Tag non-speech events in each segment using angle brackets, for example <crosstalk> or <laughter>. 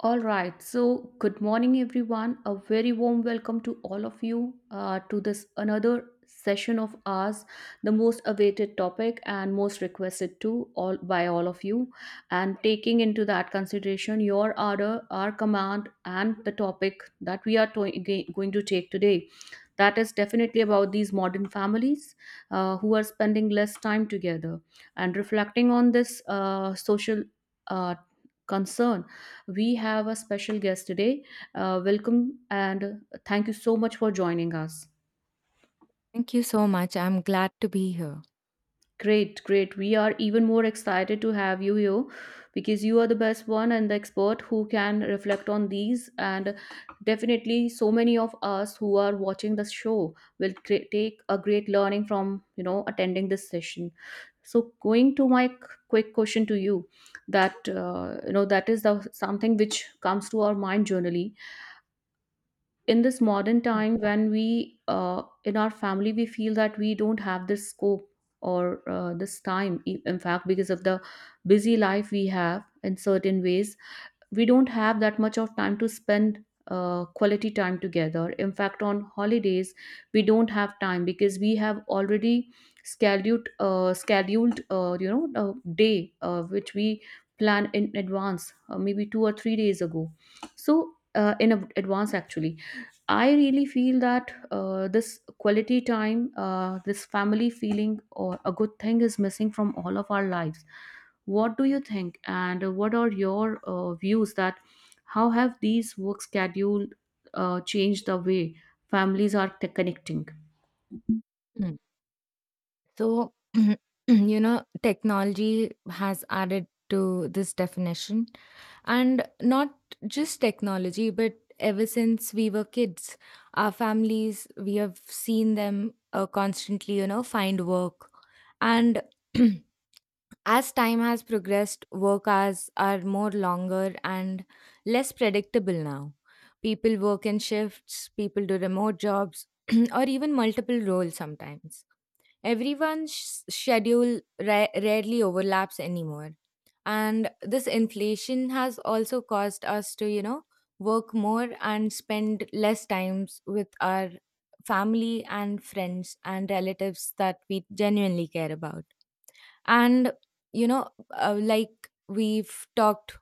All right. So, good morning, everyone. A very warm welcome to all of you to this another session of ours, the most awaited topic and most requested to all by all of you. And taking into that consideration your order, our command, and the topic that we are going to take today, that is definitely about these modern families who are spending less time together and reflecting on this social uh, concern, we have a special guest today. Welcome and thank you so much for joining us. Thank you so much. I'm glad to be here. Great, great. We are even more excited to have you here because you are the best one and the expert who can reflect on these. And definitely, so many of us who are watching the show will take a great learning from attending this session. So, going to my quick question to you, that that is the something which comes to our mind generally in this modern Mm. time when we in our family we feel that we don't have this scope, or this time in fact, because of the busy life we have in certain ways, we don't have that much of time to spend quality time together. In fact, on holidays, we don't have time because we have already scheduled a day which we plan in advance, maybe 2 or 3 days ago. So in advance, actually, I really feel that this quality time, this family feeling, or a good thing is missing from all of our lives. What do you think, and what are your views that how have these work schedule changed the way families are connecting? Mm. So, <clears throat> you know, technology has added to this definition. And Not just technology, but ever since we were kids, our families, we have seen them constantly, you know, find work. And <clears throat> as time has progressed, work hours are more longer and less predictable now. People work in shifts, people do remote jobs, <clears throat> or even multiple roles sometimes. Everyone's schedule rarely overlaps anymore. And this inflation has also caused us to, you know, work more and spend less times with our family and friends and relatives that we genuinely care about. And, you know, like we've talked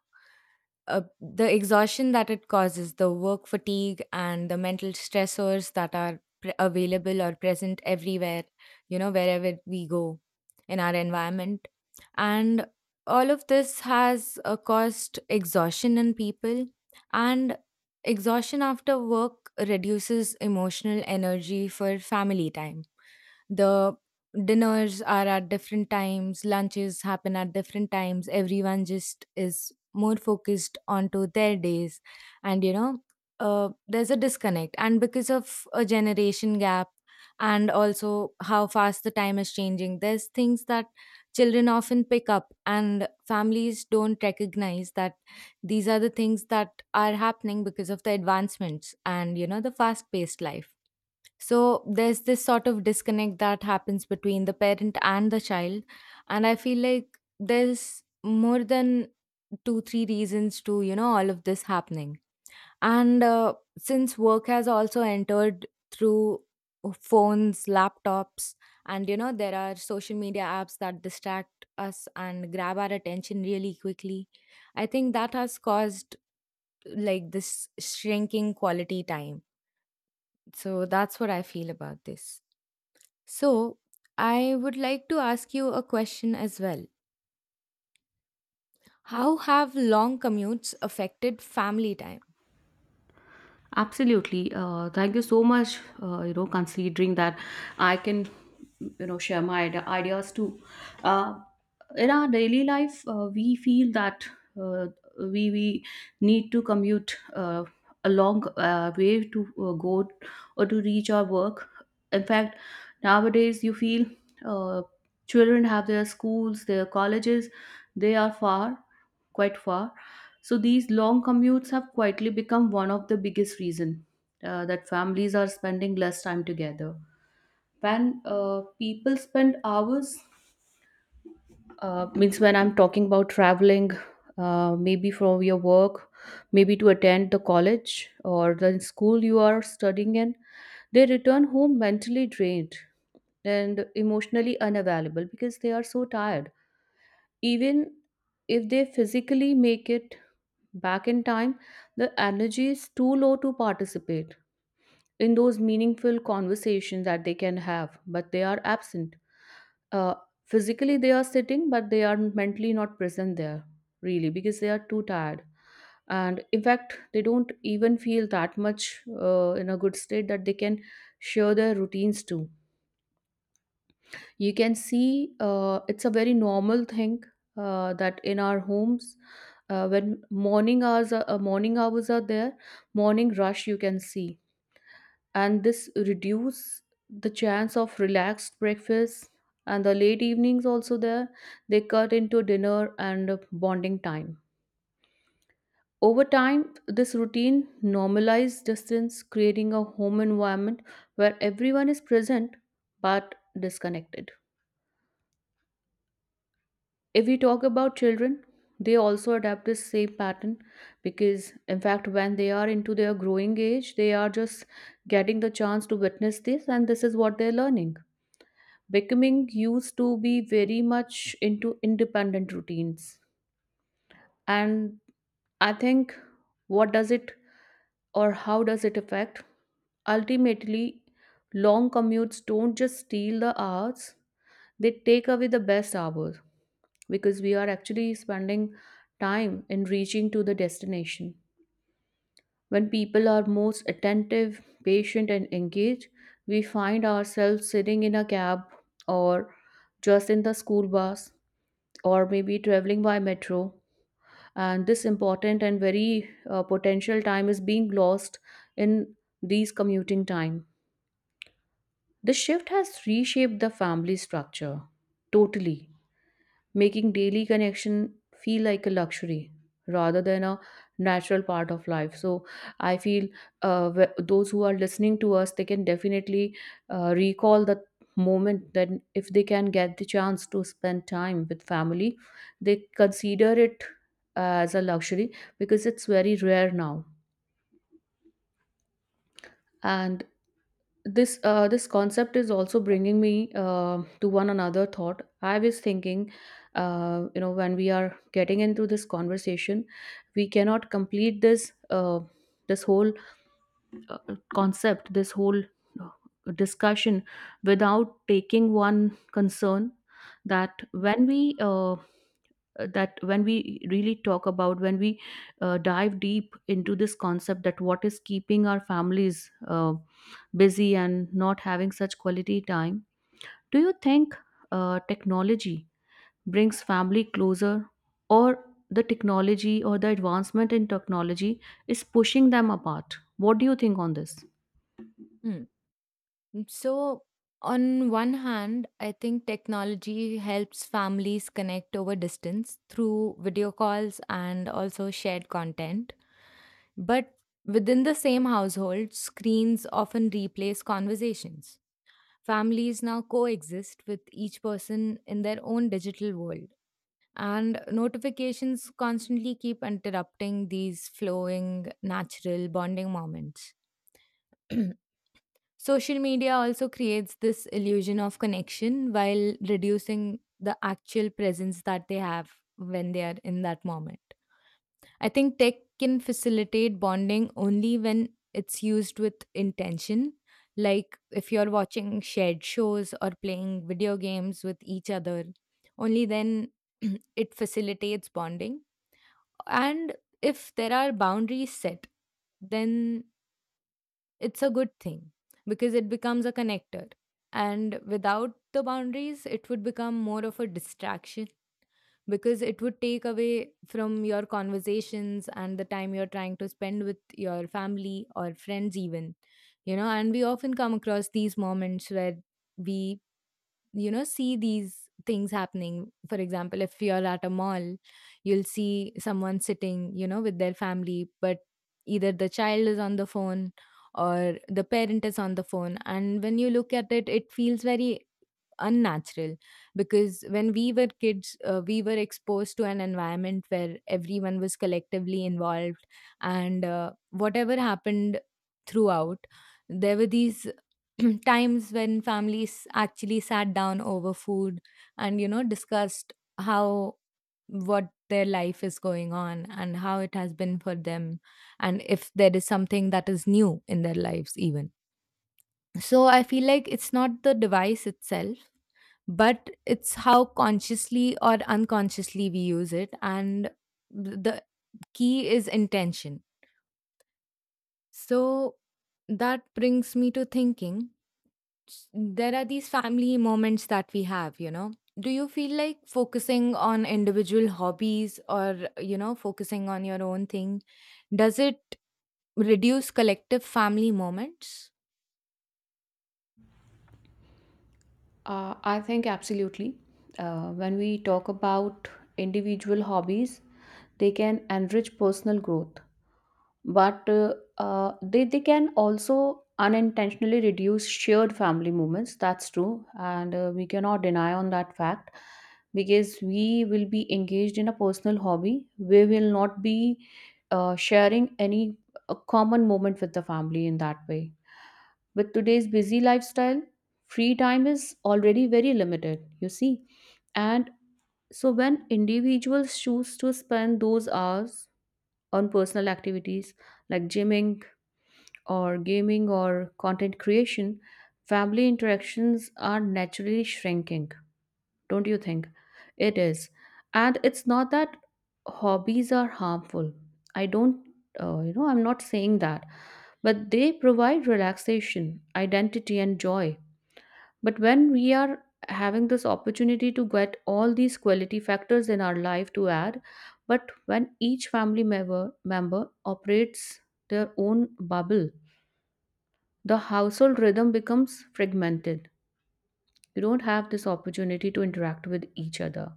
The exhaustion that it causes, the work fatigue, and the mental stressors that are available or present everywhere, you know, wherever we go in our environment. And all of this has caused exhaustion in people, and exhaustion after work reduces emotional energy for family time. The dinners are at different times, lunches happen at different times, everyone just is more focused onto their days. And you know, there's a disconnect, and because of a generation gap and also how fast the time is changing, there's things that children often pick up and families don't recognize that these are the things that are happening because of the advancements and you know the fast paced life. So there's this sort of disconnect that happens between the parent and the child. And I feel like there's more than two, three reasons to, you know, all of this happening. And since work has also entered through phones, laptops, and, you know, there are social media apps that distract us and grab our attention really quickly, I think that has caused like this shrinking quality time. So that's what I feel about this. So, I would like to ask you a question as well. How have long commutes affected family time? Absolutely. Thank you so much. Considering that I can, share my ideas too. Uh, in our daily life we feel that uh, we need to commute a long way to go or to reach our work. In fact, nowadays you feel uh, children have their schools, their colleges, they are far, quite far. So these long commutes have quietly become one of the biggest reason that families are spending less time together. When people spend hours, means when I'm talking about traveling, maybe from your work, maybe to attend the college or the school you are studying in, they return home mentally drained and emotionally unavailable because they are so tired. Even if they physically make it back in time, the energy is too low to participate in those meaningful conversations that they can have, but they are absent. uh, Physically they are sitting, but they are mentally not present there, really, because they are too tired, and in fact they don't even feel that much in a good state that they can share their routines too. You can see it's a very normal thing, that in our homes, when morning hours are there, morning rush you can see, and this reduce the chance of relaxed breakfast. And the late evenings also there, they cut into dinner and bonding time. Over time this routine normalized distance, creating a home environment where everyone is present but disconnected. If we talk about children, they also adapt this same pattern, because in fact when they are into their growing age, they are just getting the chance to witness this, and this is what they're learning, becoming used to be very much into independent routines. And I think, what does it or how does it affect ultimately? Long commutes don't just steal the hours, they take away the best hours, because we are actually spending time in reaching to the destination when people are most attentive, patient and engaged. We find ourselves sitting in a cab, or just in the school bus, or maybe traveling by metro, and this important and very potential time is being lost in these commuting time. The shift has reshaped the family structure totally, making daily connection feel like a luxury rather than a natural part of life. So I feel those who are listening to us, they can definitely recall the moment that if they can get the chance to spend time with family, they consider it as a luxury, because it's very rare now. And this this concept is also bringing me to one another thought I was thinking. When we are getting into this conversation, we cannot complete this this whole uh, concept, this whole uh, discussion without taking one concern. That when we that when we really talk about, when we dive deep into this concept, that what is keeping our families busy and not having such quality time, do you think technology brings family closer, or the technology or the advancement in technology is pushing them apart? What do you think on this? Mm, So, on one hand, I think technology helps families connect over distance through video calls and also shared content. But within the same household, screens often replace conversations. Families now coexist with each person in their own digital world. And notifications constantly keep interrupting these flowing, natural bonding moments. <clears throat> Social media also creates this illusion of connection while reducing the actual presence that they have when they are in that moment. I think tech can facilitate bonding only when it's used with intention. Like if you're watching shared shows or playing video games with each other, only then <clears throat> it facilitates bonding. And if there are boundaries set, then it's a good thing because it becomes a connector. And without the boundaries, it would become more of a distraction because it would take away from your conversations and the time you're trying to spend with your family or friends, even. You know, and we often come across these moments where we, you know, see these things happening. For example, if you're at a mall, you'll see someone sitting, you know, with their family, but either the child is on the phone or the parent is on the phone. And when you look at it, it feels very unnatural, because when we were kids we were exposed to an environment where everyone was collectively involved. And whatever happened throughout, there were these <clears throat> times when families actually sat down over food and you know discussed how, what their life is going on and how it has been for them, and if there is something that is new in their lives even. So I feel like it's not the device itself, but it's how consciously or unconsciously we use it. And the key is intention. So that brings me to thinking, there are these family moments that we have, you know. Do you feel like focusing on individual hobbies or, you know, focusing on your own thing, does it reduce collective family moments? I think absolutely. When we talk about individual hobbies, they can enrich personal growth. But they can also unintentionally reduce shared family moments. That's true, and we cannot deny on that fact, because we will be engaged in a personal hobby, we will not be sharing any common moment with the family in that way. With today's busy lifestyle, free time is already very limited, you see. And so when individuals choose to spend those hours on personal activities like gymming or gaming or content creation, family interactions are naturally shrinking. Don't you think? It is. And it's not that hobbies are harmful. I don't, I'm not saying that. But they provide relaxation, identity, and joy. But when we are having this opportunity to get all these quality factors in our life to add, but when each family member operates their own bubble, the household rhythm becomes fragmented. You don't have this opportunity to interact with each other.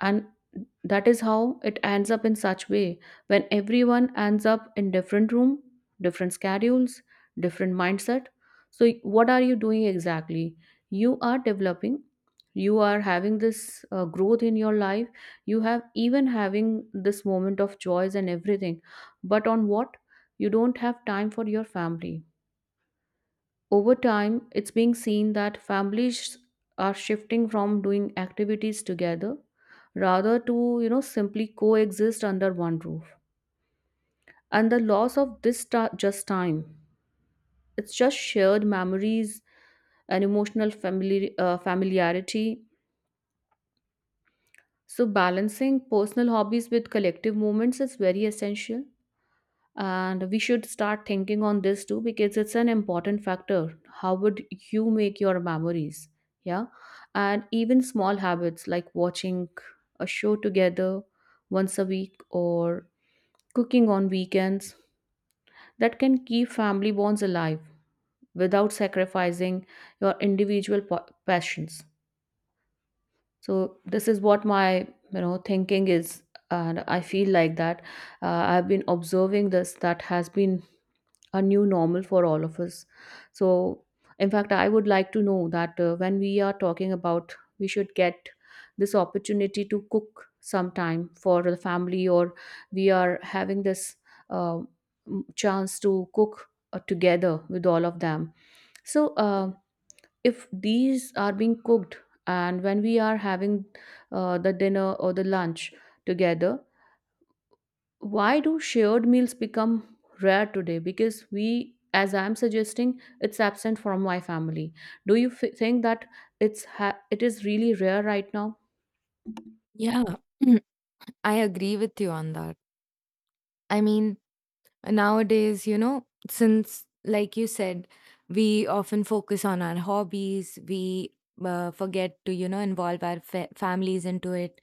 And that is how it ends up in such way, when everyone ends up in different room, different schedules, different mindset. So what are you doing exactly? You are developing, you are having this growth in your life, you have even having this moment of joys and everything. But on what? You don't have time for your family. Over time, it's being seen that families are shifting from doing activities together rather to, you know, simply coexist under one roof. And the loss of this just time, it's just shared memories and emotional familiarity. So balancing personal hobbies with collective moments is very essential, and we should start thinking on this too, because it's an important factor. How would you make your memories? Yeah. And even small habits like watching a show together once a week or cooking on weekends, that can keep family bonds alive without sacrificing your individual passions. So this is what my, you know, thinking is. And I feel like that I've been observing this that has been a new normal for all of us. So, in fact, I would like to know that when we are talking about we should get this opportunity to cook sometime for the family, or we are having this uh, chance to cook together with all of them. So, if these are being cooked, and when we are having the dinner or the lunch together, why do shared meals become rare today? Because we, as I'm suggesting, it's absent from my family. Do you think that it is really rare right now? Yeah, <clears throat> I agree with you on that. I mean, nowadays, you know, since, like you said, we often focus on our hobbies, we forget to, you know, involve our families into it.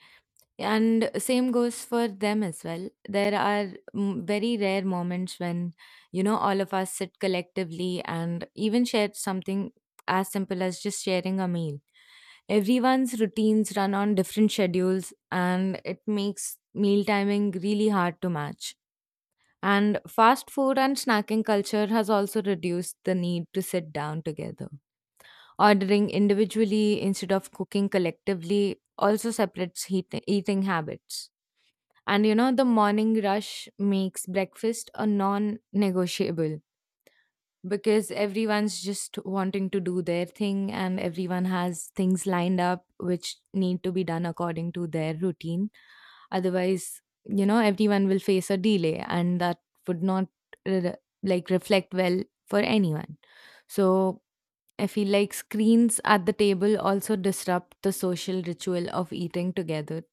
And same goes for them as well. There are, very rare moments when, you know, all of us sit collectively and even share something as simple as just sharing a meal. Everyone's routines run on different schedules and it makes meal timing really hard to match. And fast food and snacking culture has also reduced the need to sit down together. Ordering individually instead of cooking collectively also separates eating habits. And you know, the morning rush makes breakfast a non negotiable, because everyone's just wanting to do their thing and everyone has things lined up which need to be done according to their routine. Otherwise, you know, everyone will face a delay and that would not re- like reflect well for anyone. So, I feel like screens at the table also disrupt the social ritual of eating together,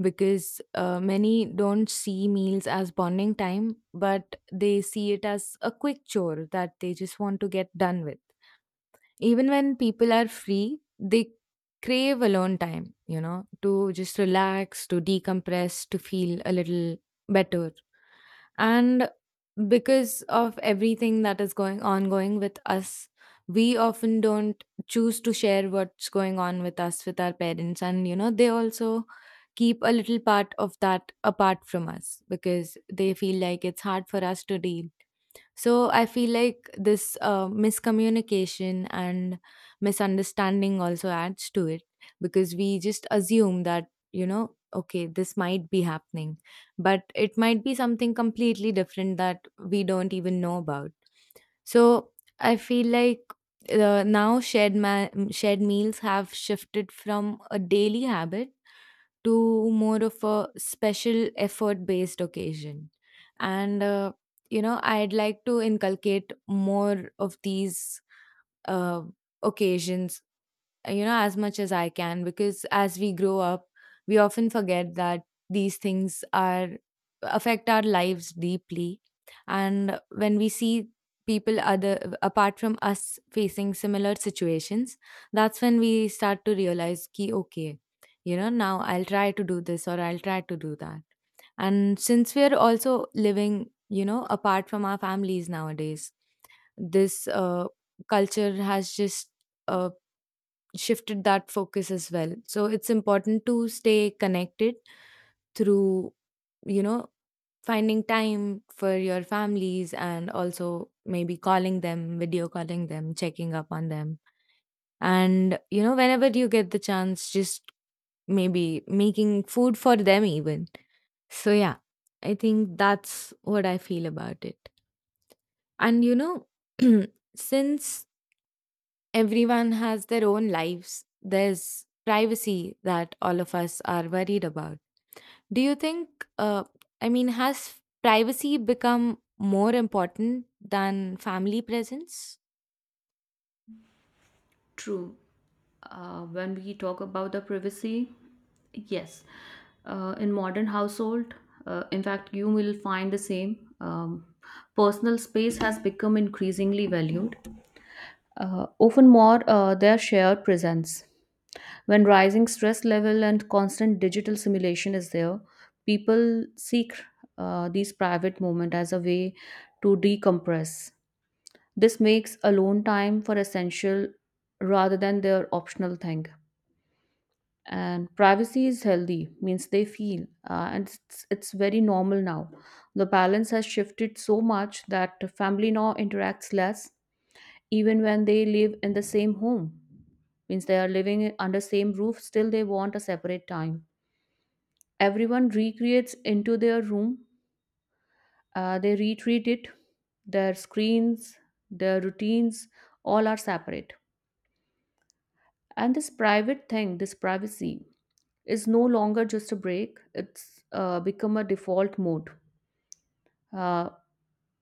because many don't see meals as bonding time, but they see it as a quick chore that they just want to get done with. Even when people are free, they crave alone time, you know, to just relax, to decompress, to feel a little better. And because of everything that is going ongoing with us, we often don't choose to share what's going on with us with our parents, and you know they also keep a little part of that apart from us because they feel like it's hard for us to deal. So I feel like this miscommunication and misunderstanding also adds to it, because we just assume that, you know, okay, this might be happening, but it might be something completely different that we don't even know about. So I feel like now shared shared meals have shifted from a daily habit to more of a special effort based occasion. And you know, I'd like to inculcate more of these uh, occasions, you know, as much as I can, because as we grow up we often forget that these things are, affect our lives deeply. And when we see people other apart from us facing similar situations, that's when we start to realize ki okay, you know, now I'll try to do this or I'll try to do that. And since we're also living, you know, apart from our families nowadays, this culture has just uh, shifted that focus as well. So it's important to stay connected through, you know, finding time for your families and also maybe calling them, video calling them, checking up on them. And, you know, whenever you get the chance, just maybe making food for them even. So yeah, I think that's what I feel about it. And you know, <clears throat> since everyone has their own lives. There's privacy that all of us are worried about. Do you think, I mean, has privacy become more important than family presence? True. When we talk about the privacy, yes, in modern household, in fact, you will find the same. Personal space has become increasingly valued, often more their shared presence. When rising stress level and constant digital simulation is there, people seek these private moments as a way to decompress. This makes alone time for essential rather than their optional thing. And privacy is healthy, means they feel, and it's very normal now. The balance has shifted so much that family now interacts less, even when they live in the same home. Means they are living under same roof, still they want a separate time. Everyone recreates into their room. They retreat it, their screens, their routines, all are separate. And this private thing, this privacy, is no longer just a break. It's become a default mode. uh,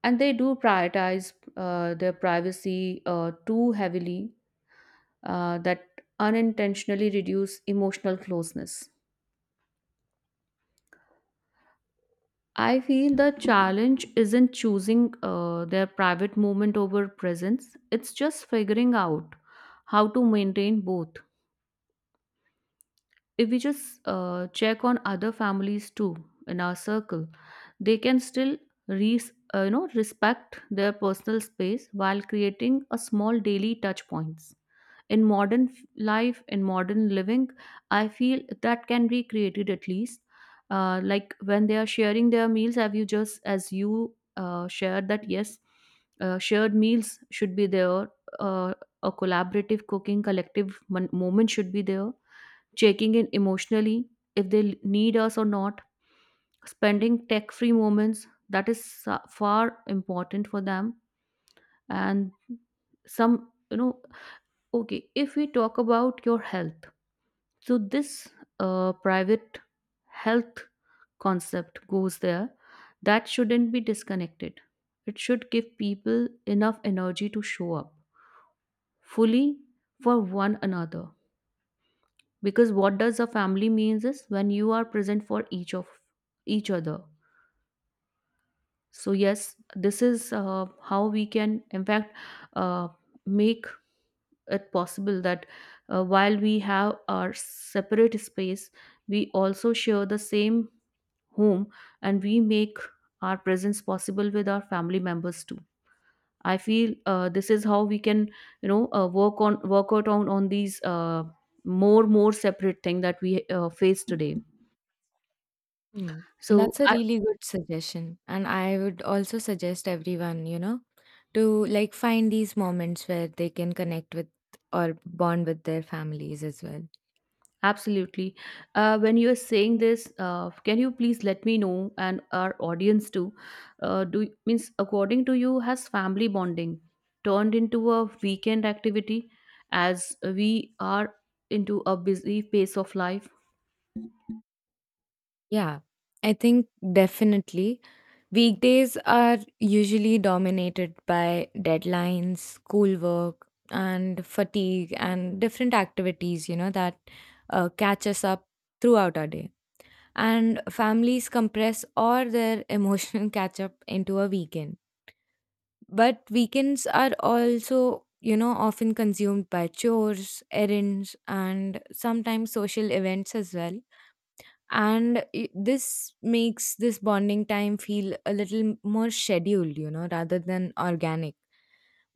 and they do prioritize their privacy too heavily, that unintentionally reduce emotional closeness. I feel the challenge isn't choosing their private moment over presence, it's just figuring out how to maintain both. If we just check on other families too in our circle, they can still you know, respect their personal space while creating a small daily touch points in life in modern living, I feel that can be created at least. Like when they are sharing their meals, have you, just as you shared that, yes, shared meals should be there. uh, a collaborative cooking, moment should be there, checking in emotionally if they need us or not, spending tech free moments, that is far important for them. And some, you know, okay, if we talk about your health, so this private health concept goes there, that shouldn't be disconnected. It should give people enough energy to show up fully for one another, because what does a family means is when you are present for each other. So yes, this is how we can, in fact, uh, make it possible that, while we have our separate space, we also share the same home, and we make our presence possible with our family members too. I feel this is how we can, work on, work out on these more separate thing that we face today. Hmm. And So, that's a I, really good suggestion. And I would also suggest everyone, you know, to like find these moments where they can connect with or bond with their families as well. absolutely. When you're saying this, can you please let me know and our audience too? Do means, according to you, has family bonding turned into a weekend activity as we are into a busy pace of life? Yeah, I think definitely. Weekdays are usually dominated by deadlines, schoolwork, and fatigue, and different activities, you know, that catch us up throughout our day. And families compress all their emotional <laughs> catch up into a weekend. But weekends are also, you know, often consumed by chores, errands, and sometimes social events as well. And this makes this bonding time feel a little more scheduled, you know, rather than organic.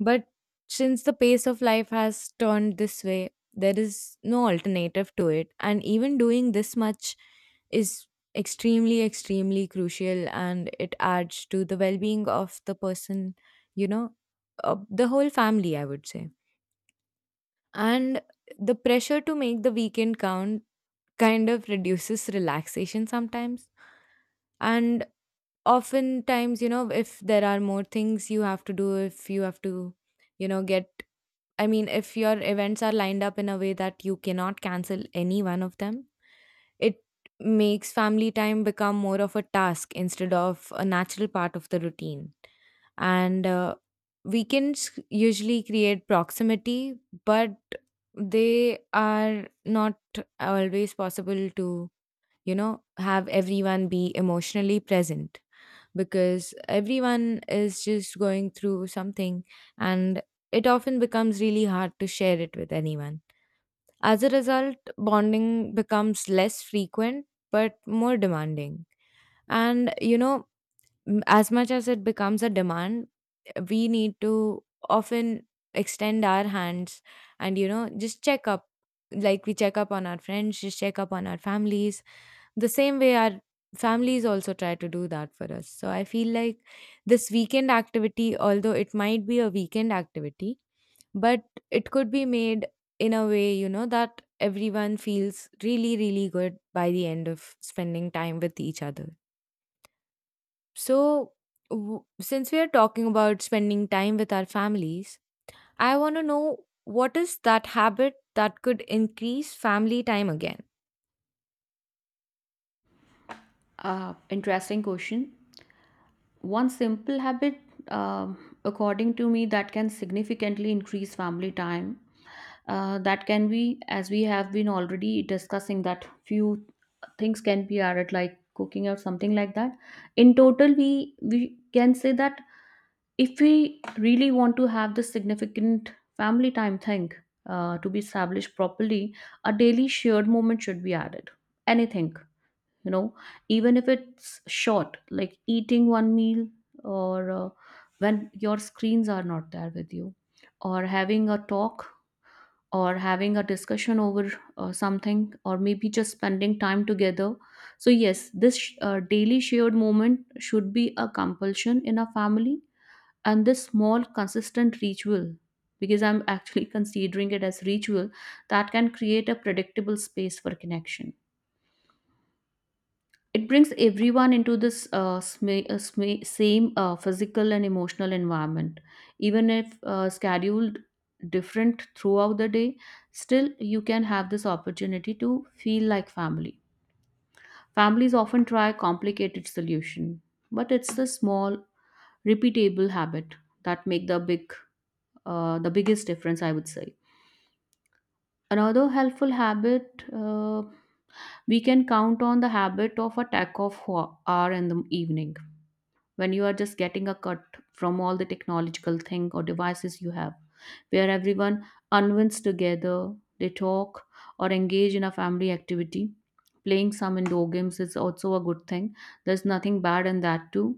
But since the pace of life has turned this way, there is no alternative to it, and even doing this much is extremely extremely crucial and it adds to the well-being of the person, you know, of the whole family I would say. And the pressure to make the weekend count kind of reduces relaxation sometimes. And oftentimes, you know, if there are more things you have to do, if you have to, you know, get, I mean if your events are lined up in a way that you cannot cancel any one of them, it makes family time become more of a task instead of a natural part of the routine. And weekends usually create proximity, but they are not always possible to, you know, have everyone be emotionally present, because everyone is just going through something and it often becomes really hard to share it with anyone. As a result, bonding becomes less frequent but more demanding. And, you know, as much as it becomes a demand, we need to often extend our hands and, you know, just check up. Like we check up on our friends, just check up on our families, the same way our families also try to do that for us. So I feel like this weekend activity, although it might be a weekend activity, but it could be made in a way, you know, that everyone feels really, really good by the end of spending time with each other. So, since we are talking about spending time with our families, I want to know what is that habit that could increase family time again? Interesting question. One simple habit, according to me, that can significantly increase family time, that can be, as we have been already discussing, that few things can be added like cooking or something like that. In total, we can say that if we really want to have this significant family time thing to be established properly, a daily shared moment should be added. Anything, you know, even if it's short, like eating one meal, or when your screens are not there with you, or having a talk, or having a discussion over something, or maybe just spending time together. So yes, this daily shared moment should be a compulsion in a family. And this small consistent ritual, because I'm actually <laughs> considering it as ritual, that can create a predictable space for connection. It brings everyone into this same physical and emotional environment. Even if scheduled different throughout the day, still you can have this opportunity to feel like family. Families often try complicated solution, but it's the small, repeatable habit that make the biggest difference, I would say. Another helpful habit, we can count on the habit of a tack of hour in the evening, when you are just getting a cut from all the technological thing or devices you have, where everyone unwinds together, they talk or engage in a family activity. Playing some indoor games is also a good thing, there's nothing bad in that too.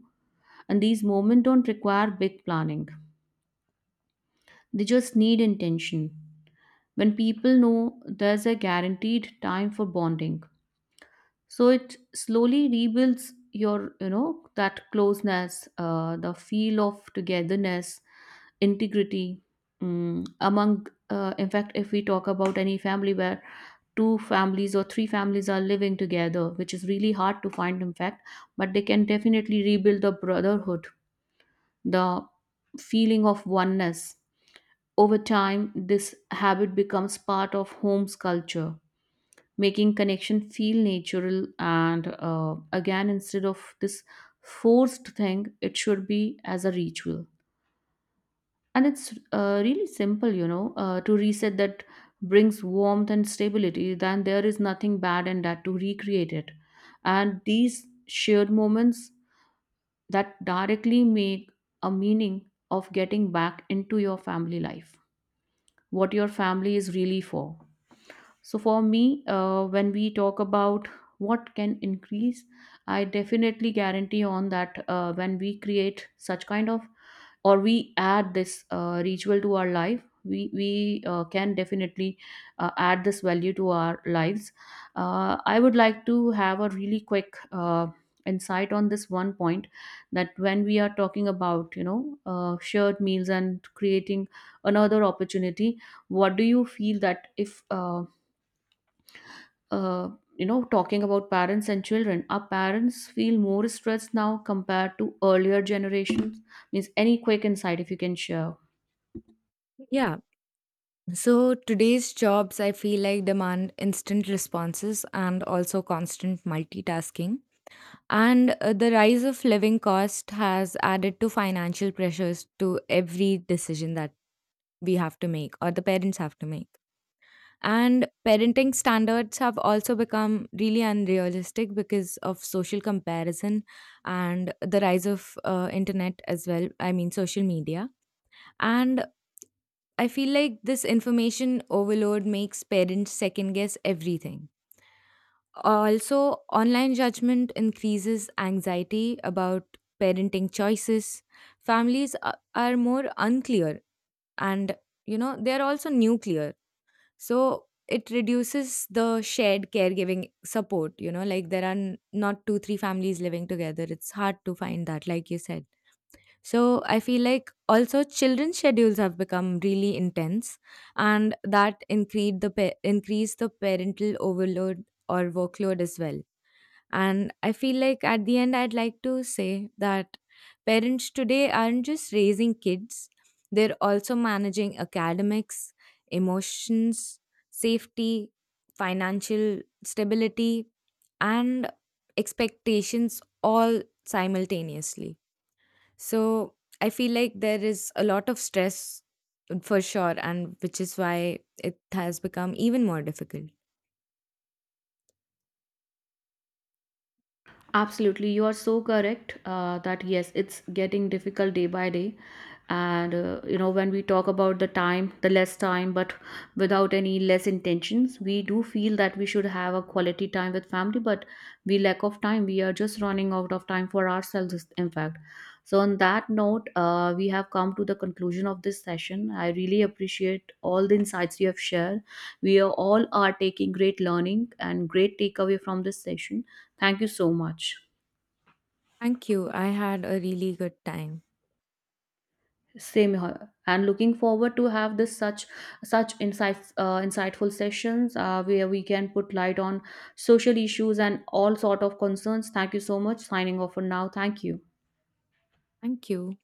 And these moments don't require big planning, they just need intention. When people know there's a guaranteed time for bonding, so it slowly rebuilds your, you know, that closeness, the feel of togetherness, integrity, among, in fact, if we talk about any family where two families or three families are living together, which is really hard to find in fact, but they can definitely rebuild the brotherhood, the feeling of oneness. Over time this habit becomes part of home's culture, making connection feel natural, and again, instead of this forced thing, it should be as a ritual. And it's really simple, you know, to reset that brings warmth and stability, then there is nothing bad in that to recreate it. And these shared moments, that directly make a meaning of getting back into your family life, what your family is really for. So for me, when we talk about what can increase, I definitely guarantee on that, when we create such kind of, or we add this ritual to our life, we can definitely add this value to our lives. I would like to have a really quick insight on this one point, that when we are talking about, you know, shared meals and creating another opportunity, what do you feel that if uh, you know, talking about parents and children, our parents feel more stressed now compared to earlier generations? Means, any quick insight if you can share. Yeah. So today's jobs, I feel like demand instant responses and also constant multitasking. And the rise of living cost has added to financial pressures to every decision that we have to make or the parents have to make. And parenting standards have also become really unrealistic because of social comparison and the rise of internet as well. I mean, social media. And I feel like this information overload makes parents second guess everything. Also, online judgment increases anxiety about parenting choices. Families are more unclear and, you know, they're also nuclear. So, it reduces the shared caregiving support. You know, like there are not two, three families living together. It's hard to find that, like you said. So I feel like also children's schedules have become really intense, and that increase the increase the parental overload or workload as well. And I feel like at the end, I'd like to say that parents today aren't just raising kids; they're also managing academics, emotions, safety, financial stability, and expectations all simultaneously. So I feel like there is a lot of stress, for sure, and which is why it has become even more difficult. Absolutely, you are so correct, that yes, it's getting difficult day by day. And you know, when we talk about the time, the less time, but without any less intentions, we do feel that we should have a quality time with family, but we lack of time, we are just running out of time for ourselves, in fact. So on that note, we have come to the conclusion of this session. I really appreciate all the insights you have shared. We are all are taking great learning and great takeaway from this session. Thank you so much. Thank you. I had a really good time. Same here. And looking forward to have this such such insights, insightful sessions, where we can put light on social issues and all sort of concerns. Thank you so much. Signing off for now. Thank you. Thank you.